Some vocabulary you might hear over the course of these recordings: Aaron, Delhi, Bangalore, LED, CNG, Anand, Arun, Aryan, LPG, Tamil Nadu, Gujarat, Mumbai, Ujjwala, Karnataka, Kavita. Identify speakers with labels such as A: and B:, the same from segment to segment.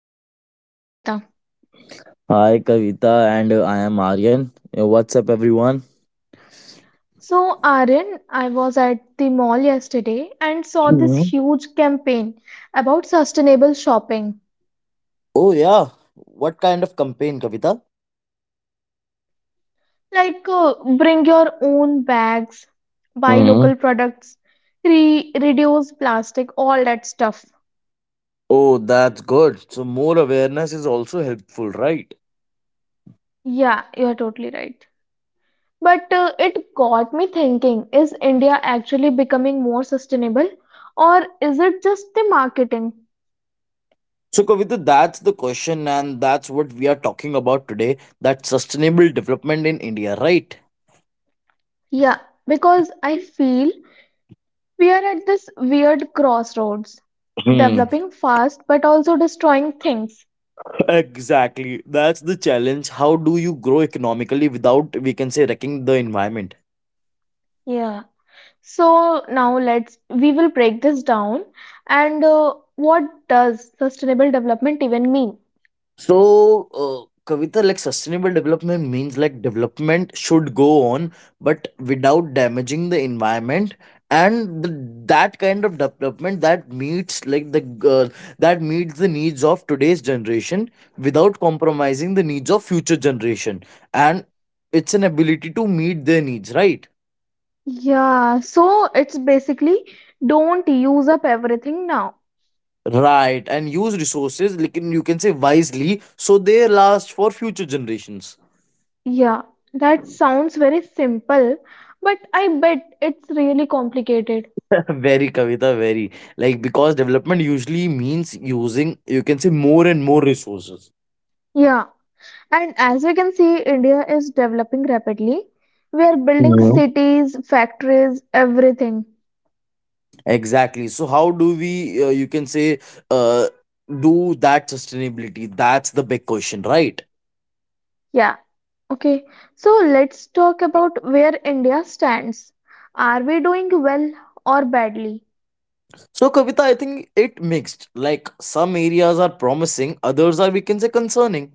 A: your host Kavita.
B: Hi, Kavita, and I am Aryan. What's up, everyone?
A: So, Aryan, I was at the mall yesterday and saw this
B: Mhm.
A: huge campaign about sustainable shopping.
B: Oh, yeah. What kind of campaign, Kavita?
A: Like, bring your own bags, buy
B: Mhm.
A: local products, reduce plastic, all that stuff.
B: Oh, that's good. So, more awareness is also helpful, right?
A: Yeah, you're totally right. But it got me thinking, is India actually becoming more sustainable or is it just the marketing?
B: So, Kavita, that's the question, and that's what we are talking about today that sustainable development in India, right?
A: Yeah, because I feel we are at this weird crossroads,
B: Hmm.
A: developing fast but also destroying things.
B: Exactly. That's the challenge. How do you grow economically without, we can say, wrecking the environment?
A: Yeah. So now let's we will break this down and what does sustainable development even mean?
B: So, Kavita, like sustainable development means like development should go on, but without damaging the environment. And the, that kind of development that meets like the uh, that meets the needs of today's generation without compromising the needs of future generation, and it's an ability to meet their needs, right?
A: Yeah, so it's basically don't use up everything now.
B: Right, and use resources like you can say wisely, so they last for future generations.
A: Yeah, that sounds very simple, but I bet it's really complicated.
B: Very, Kavita, very. Like, because development usually means using, you can say, more and more resources.
A: Yeah, and as we can see, India is developing rapidly. We are building
B: No.
A: cities, factories, everything.
B: Exactly. So, how do we, you can say, uh, do that sustainability? That's the big question, right?
A: Yeah, okay. So let's talk about where India stands. Are we doing well or badly?
B: So, Kavita, I think it mixed. Like, some areas are promising, others are, we can say, concerning.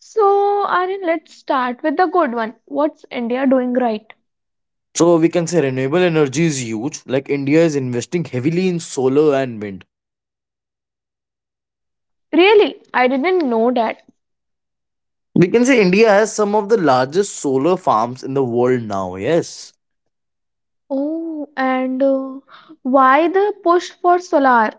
A: So, Aryan, let's start with the good one. What's India doing right?
B: So, we can say renewable energy is huge. Like, India is investing heavily in solar and wind.
A: Really? I didn't know that.
B: We can say India has some of the largest solar farms in the world now, yes.
A: Oh, and why the push for solar?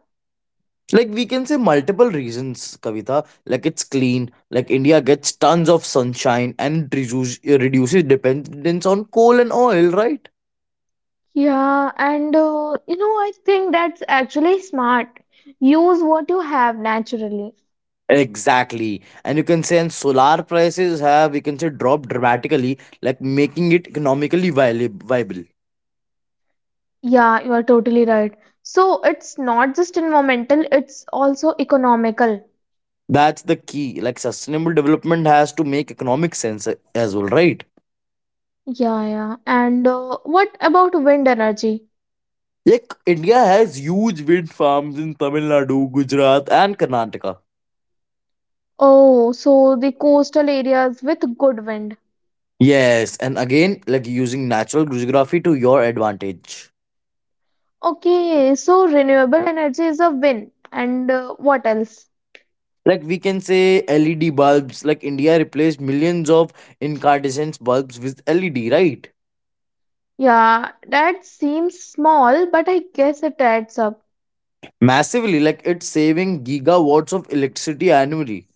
B: Like we can say multiple reasons, Kavita. Like it's clean. Like India gets tons of sunshine and it reduces dependence on coal and oil, right?
A: Yeah, and you know, I think that's actually smart. Use what you have naturally.
B: Exactly. And you can say and solar prices have we can say dropped dramatically, like making it economically viable.
A: Yeah, you are totally right. So it's not just environmental, it's also economical.
B: That's the key. Like sustainable development has to make economic sense as well, right?
A: Yeah, yeah. And What about wind energy?
B: Like India has huge wind farms in Tamil Nadu, Gujarat, and Karnataka.
A: Oh, so the coastal areas with good wind.
B: Yes, and again, like using natural geography to your advantage.
A: Okay, so renewable energy is a win. And What else?
B: Like we can say LED bulbs, like India replaced millions of incandescent bulbs with LED, right?
A: Yeah, that seems small, but I guess it adds up.
B: Massively, like it's saving gigawatts of electricity annually.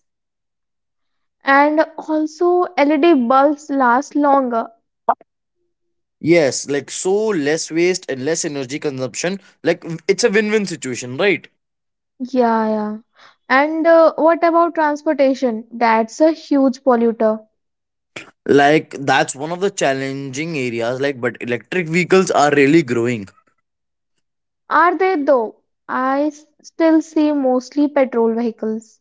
A: And also LED bulbs last longer.
B: Yes, like so less waste and less energy consumption. Like it's a win-win situation, right?
A: Yeah, yeah. And What about transportation? That's a huge polluter.
B: Like that's one of the challenging areas, like but electric vehicles are really growing.
A: Are they though? Still see mostly petrol vehicles.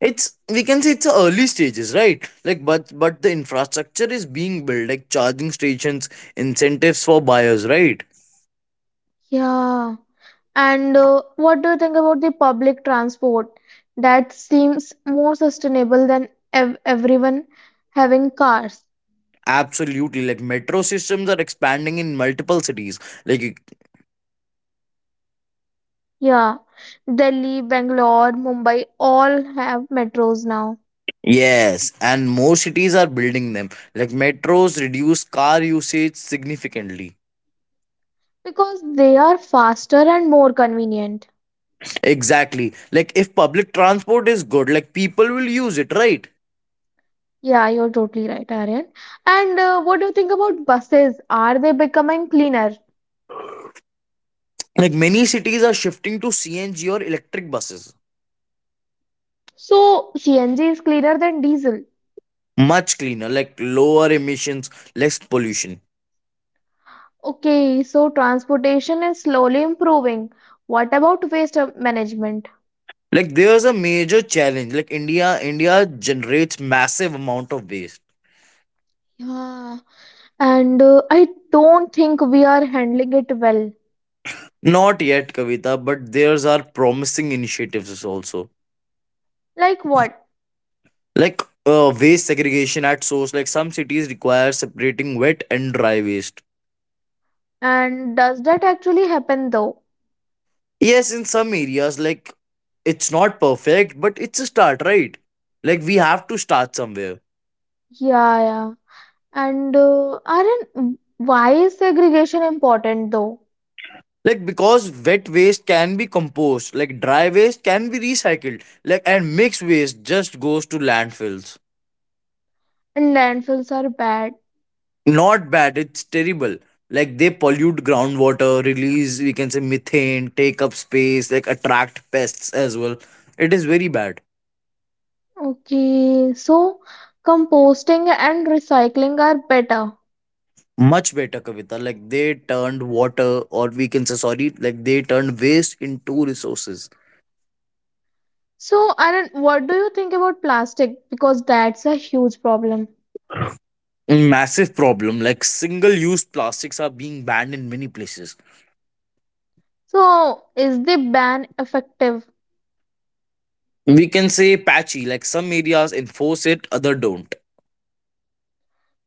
B: It's we can say it's a early stages, right, like but the infrastructure is being built, like charging stations, incentives for buyers, right?
A: Yeah. And What do you think about the public transport? That seems more sustainable than ev everyone having cars.
B: Absolutely, like metro systems are expanding in multiple cities, like
A: Yeah. Delhi, Bangalore, Mumbai all have metros now.
B: yes, and more cities are building them, like metros reduce car usage significantly.
A: Because they are faster and more convenient.
B: Exactly, like if public transport is good, like people will use it, right?
A: Yeah, you're totally right, Aryan. And What do you think about buses? Are they becoming cleaner?
B: Like many cities are shifting to CNG or electric buses.
A: So, CNG is cleaner than diesel.
B: Much cleaner, like lower emissions, less pollution.
A: Okay, so transportation is slowly improving. What about waste management?
B: Like there's a major challenge, like India generates massive amount of waste.
A: Yeah, and I don't think we are handling it well.
B: Not yet, Kavita, but there's are promising initiatives also.
A: Like what?
B: Like waste segregation at source, like some cities require separating wet and dry waste.
A: And does that actually happen though?
B: Yes, in some areas, like it's not perfect but it's a start, right? Like we have to start somewhere.
A: Yeah, yeah. And Aryan, why is segregation important though?
B: Like because wet waste can be composed, like dry waste can be recycled, like and mixed waste just goes to landfills.
A: And landfills are bad.
B: Not bad, it's terrible. Like they pollute groundwater, release we can say methane, take up space, like attract pests as well. It is very bad.
A: Okay, so composting and recycling are better.
B: Much better, Kavita, like they turned water, or we can say sorry, like they turned waste into resources.
A: So, Anand, what do you think about plastic? Because that's a huge problem.
B: Massive problem, like single use plastics are being banned in many places.
A: So, is the ban effective?
B: We can say patchy, like some areas enforce it, other don't.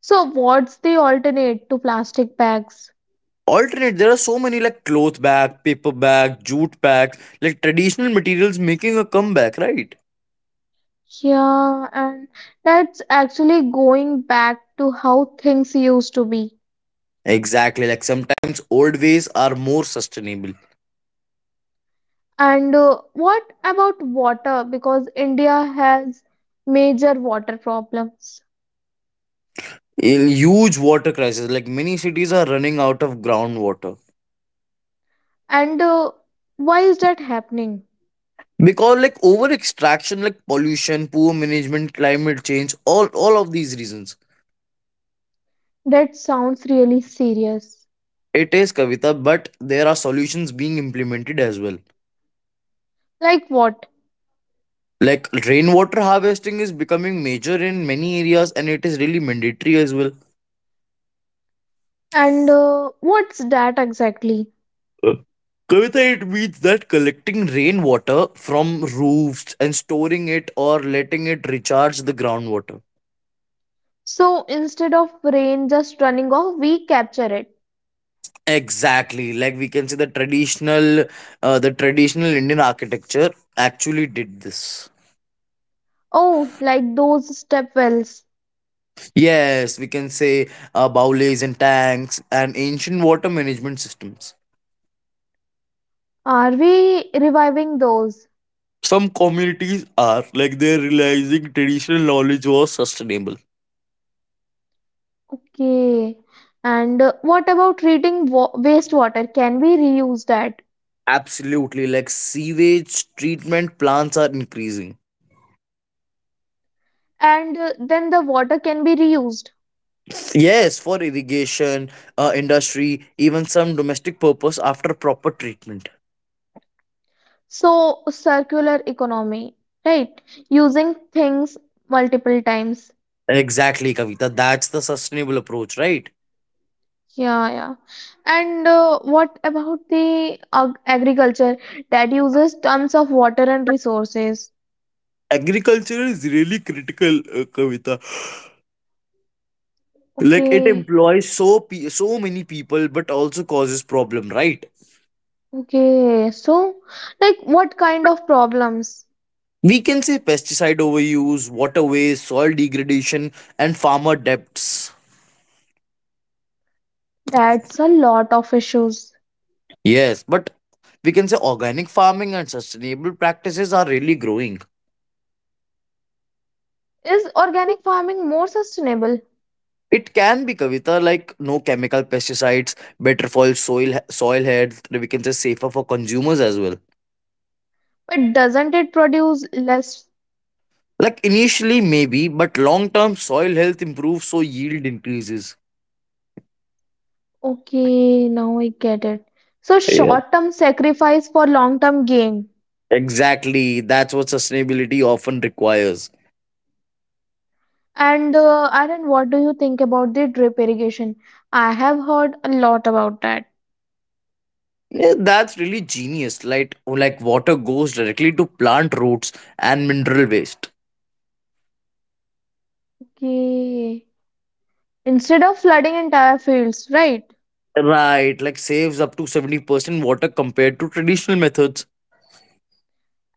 A: So, what's the alternate to plastic bags?
B: Alternate there are so many, like cloth bag, paper bag, jute bag, like traditional materials making a comeback, right?
A: Yeah, and that's actually going back to how things used to be.
B: Exactly, like sometimes old ways are more sustainable.
A: And What about water? Because India has major water problems.
B: In huge water crisis, like many cities are running out of groundwater.
A: And Why is that happening?
B: Because like over extraction, like pollution, poor management, climate change, all of these reasons.
A: That sounds really serious.
B: It is, Kavita, but there are solutions being implemented as well.
A: Like what?
B: Like rainwater harvesting is becoming major in many areas and it is really mandatory as well.
A: And What's that exactly?
B: Uh, Kavita, it means that collecting rainwater from roofs and storing it or letting it recharge the groundwater.
A: So instead of rain just running off, we capture it.
B: Exactly, like we can say the traditional Indian architecture actually did this.
A: Oh, like those step wells.
B: Yes, we can say bowlays and tanks and ancient water management systems.
A: Are we reviving those?
B: Some communities are, like they're realizing traditional knowledge was sustainable.
A: Okay. And What about treating wastewater? Can we reuse that?
B: Absolutely, like sewage treatment plants are increasing.
A: And Then the water can be reused.
B: Yes, for irrigation, industry, even some domestic purpose after proper treatment.
A: So, circular economy, right? Using things multiple times.
B: Exactly, Kavita, that's the sustainable approach, right?
A: Yeah, yeah. And What about the ag agriculture that uses tons of water and resources?
B: Agriculture is really critical, Kavita, like it
A: Okay,
B: employs so many people but also causes problem, right?
A: okay. So, like, what kind of problems?
B: We can say pesticide overuse, water waste, soil degradation, and farmer debts.
A: That's a lot of issues.
B: Yes, but we can say organic farming and sustainable practices are really growing.
A: Is organic farming more sustainable?
B: It can be, Kavita, like no chemical pesticides, better for soil health. We can say safer for consumers as well.
A: But doesn't it produce less.
B: Like initially maybe, but long term soil health improves so yield increases.
A: Okay, now I get it. So
B: Yeah.
A: short-term sacrifice for long-term gain.
B: Exactly. That's what sustainability often requires.
A: And Aaron, what do you think about the drip irrigation? I have heard a lot about that.
B: Yeah, that's really genius. Like, water goes directly to plant roots and mineral waste.
A: Okay. Instead of flooding entire fields, right?
B: Right, like saves up to 70% water compared to traditional methods.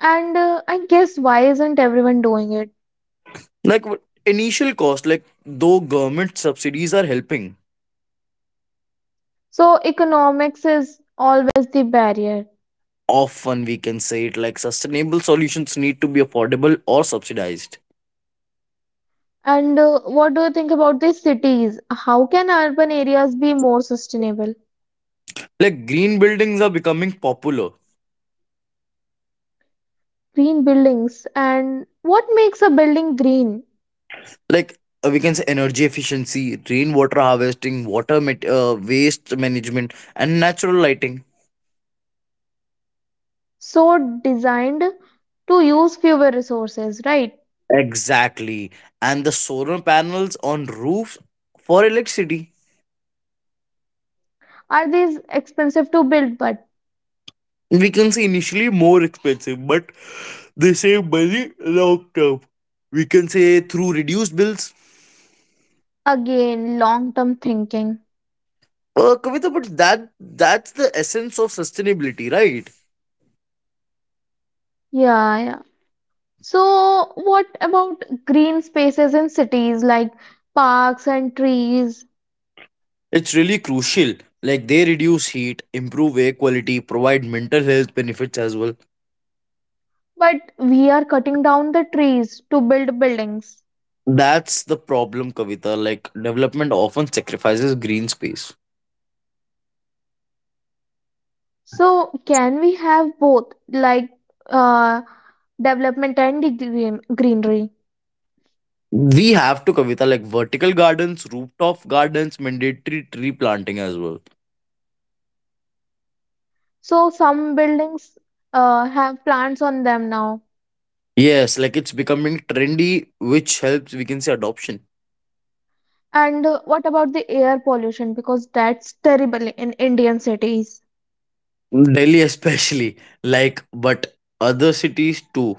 A: And I guess why isn't everyone doing it?
B: Like initial cost, like though government subsidies are helping.
A: So economics is always the barrier.
B: Often we can say it like sustainable solutions need to be affordable or subsidized.
A: And What do you think about the cities? How can urban areas be more sustainable?
B: Like green buildings are becoming popular.
A: Green buildings, and what makes a building green?
B: Like we can say energy efficiency, rainwater harvesting, water met waste management, and natural lighting.
A: So designed to use fewer resources, right?
B: Exactly. And the solar panels on roofs for electricity.
A: Are these expensive to build, but
B: We can say initially more expensive, but they save money long term. We can say through reduced bills.
A: again, long term thinking.
B: Kavita, but that's the essence of sustainability, right?
A: Yeah, yeah. So, what about green spaces in cities like parks and trees?
B: It's really crucial. Like they reduce heat, improve air quality, provide mental health benefits as well.
A: But we are cutting down the trees to build buildings.
B: That's the problem, Kavita. Like development often sacrifices green space.
A: So, can we have both, like uh, development and the green greenery?
B: We have to, Kavita, like vertical gardens, rooftop gardens, mandatory tree planting as well.
A: So, some buildings have plants on them now.
B: Yes, like it's becoming trendy, which helps, we can say, adoption.
A: And What about the air pollution? Because that's terrible in Indian cities.
B: Delhi, especially, like, but other cities too.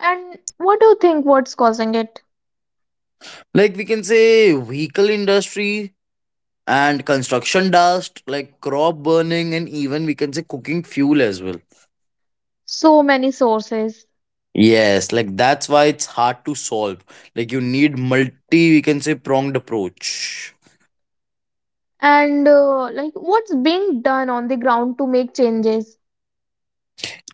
A: And what do you think what's causing it?
B: Like, we can say, vehicle industry and construction dust, like crop burning, and even we can say cooking fuel as well.
A: So many sources.
B: Yes, like that's why it's hard to solve. Like, you need multi, we can say, pronged approach.
A: And Like what's being done on the ground to make changes?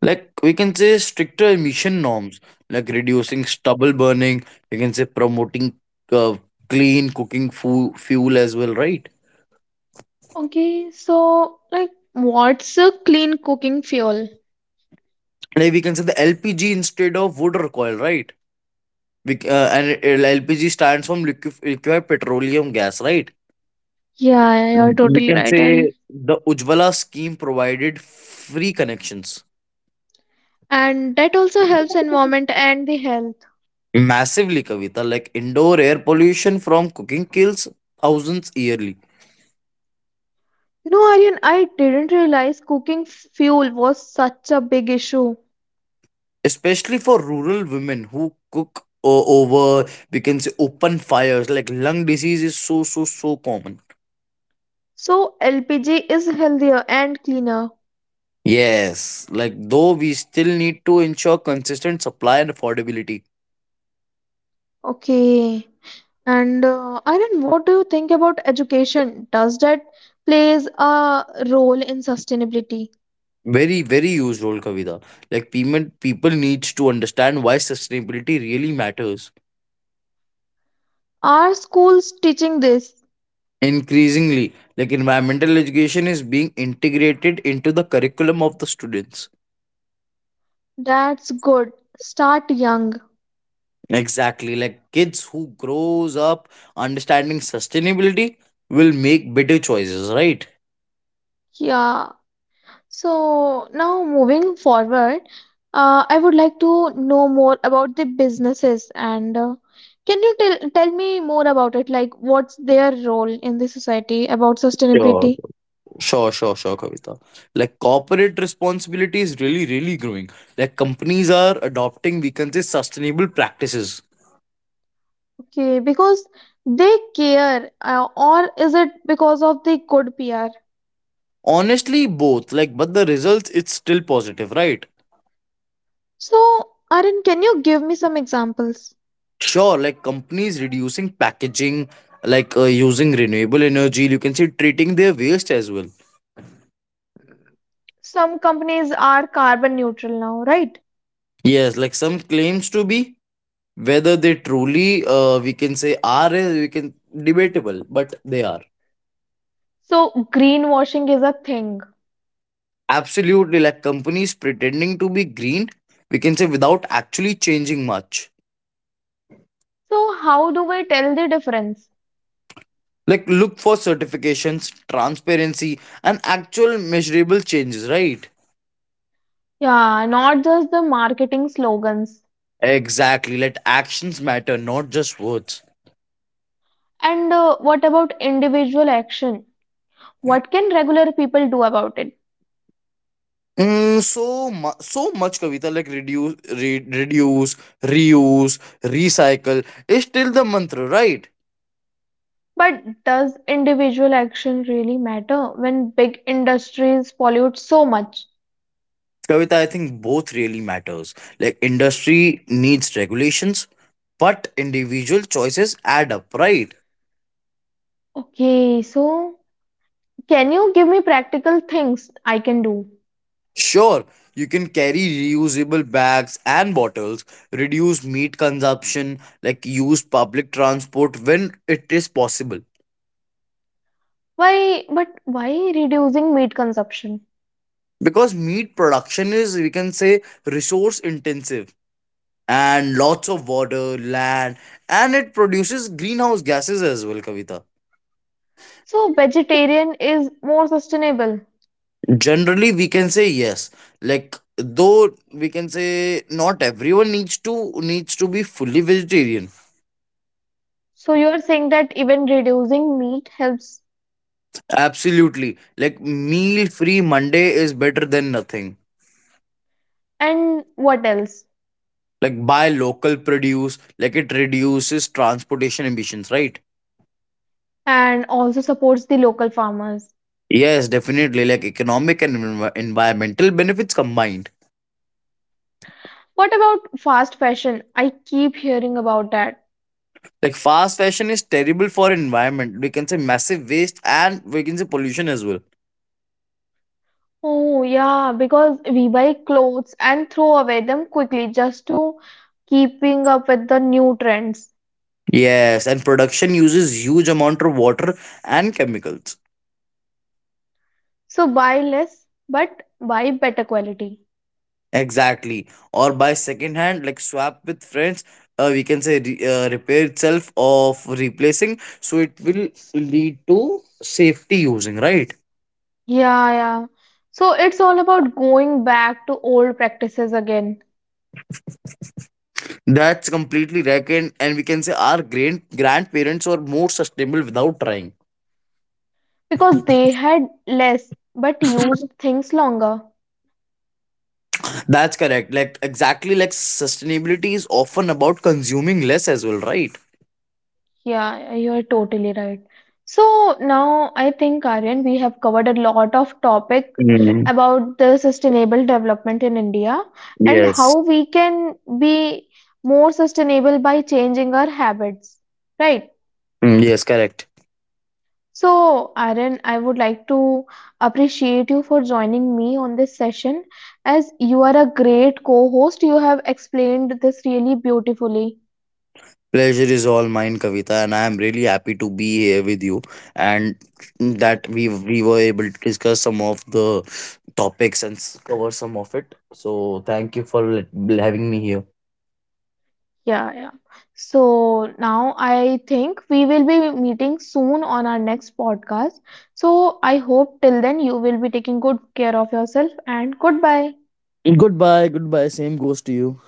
B: Like we can say stricter emission norms, like reducing stubble burning, we can say promoting uh, clean cooking fuel as well, right?
A: Okay, so like what's a clean cooking fuel?
B: Like we can say the LPG instead of wood or coal, right? And LPG stands from liquefied petroleum gas, right?
A: Yeah, yeah, you're
B: We
A: totally
B: can
A: right, Aryan.
B: say the Ujjwala scheme provided free connections.
A: And that also helps environment and the health.
B: Massively, Kavita, like indoor air pollution from cooking kills thousands yearly.
A: You know, Aryan, I didn't realize cooking fuel was such a big issue.
B: Especially for rural women who cook over we can say open fires, like lung disease is so common.
A: So LPG is healthier and cleaner.
B: Yes, like though we still need to ensure consistent supply and affordability.
A: Okay. And Aryan, what do you think about education? Does that plays a role in sustainability?
B: Very useful, Kavita, like payment people needs to understand why sustainability really matters.
A: Are schools teaching this?
B: Increasingly, like environmental education is being integrated into the curriculum of the students.
A: That's good. Start young.
B: Exactly. Like kids who grows up understanding sustainability will make better choices, right?
A: Yeah. So now moving forward, I would like to know more about the businesses, and can you tell me more about it? Like what's their role in the society about
B: Sure.
A: sustainability?
B: Sure, Kavita. Like corporate responsibility is really growing. Like companies are adopting, we can say, sustainable practices.
A: Okay, because they care, or is it because of the good PR?
B: Honestly, both. Like, but the results, it's still positive, right?
A: So, Arun, can you give me some examples?
B: Sure, like companies reducing packaging, like using renewable energy, you can say treating their waste as well.
A: Some companies are carbon neutral now, right?
B: Yes, like some claims to be. Whether they truly, we can say, are, we can debatable, but they are.
A: So, greenwashing is a thing.
B: Absolutely, like companies pretending to be green. We can say without actually changing much.
A: So, how do we tell the difference?
B: Like look for certifications, transparency, and actual measurable changes. Right?
A: Yeah, not just the marketing slogans.
B: Exactly. Let actions matter, not just words.
A: And What about individual action? What can regular people do about it?
B: Mm, so much, Kavita, like reduce, reduce, reuse, recycle is still the mantra, right?
A: But does individual action really matter when big industries pollute so much?
B: Kavita, I think both really matters. Like industry needs regulations, but individual choices add up, right?
A: Okay, so can you give me practical things I can do?
B: Sure, you can carry reusable bags and bottles, reduce meat consumption, like use public transport when it is possible.
A: Why, but why reducing meat consumption?
B: Because meat production is, we can say, resource intensive, and lots of water, land, and it produces greenhouse gases as well, Kavita.
A: So vegetarian is more sustainable.
B: Generally we can say yes, like though we can say not everyone needs to be fully vegetarian.
A: So you are saying that even reducing meat helps.
B: Absolutely, like meal free Monday is better than nothing.
A: And what else?
B: Like buy local produce, like it reduces transportation emissions, right?
A: And also supports the local farmers.
B: Yes, definitely, like economic and environmental benefits combined.
A: What about fast fashion? I keep hearing about that.
B: Like fast fashion is terrible for environment, we can say massive waste and we can say pollution as well.
A: Oh, yeah, because we buy clothes and throw away them quickly just to keeping up with the new trends.
B: Yes, and production uses huge amount of water and chemicals.
A: So buy less, but buy better quality.
B: Exactly. Or buy second hand, like swap with friends, we can say repair itself of replacing. So it will lead to safety using, right?
A: Yeah, yeah. So it's all about going back to old practices again
B: That's completely reckoned, and we can say our grand grandparents were more sustainable without trying.
A: because they had less but used things longer.
B: That's correct. Like exactly like sustainability is often about consuming less as well, right?
A: Yeah, you're totally right. So now I think, Aryan, we have covered a lot of topic
B: Mm,
A: about the sustainable development in India and
B: yes.
A: how we can be more sustainable by changing our habits, right?
B: Mm, yes, correct.
A: So, Aaron, I would like to appreciate you for joining me on this session. As you are a great co host, you have explained this really beautifully.
B: Pleasure is all mine, Kavita, and I am really happy to be here with you and that we were able to discuss some of the topics and cover some of it. So thank you for having me here.
A: Yeah, yeah. So, now I think we will be meeting soon on our next podcast. So, I hope till then you will be taking good care of yourself and goodbye.
B: Goodbye, goodbye. Same goes to you.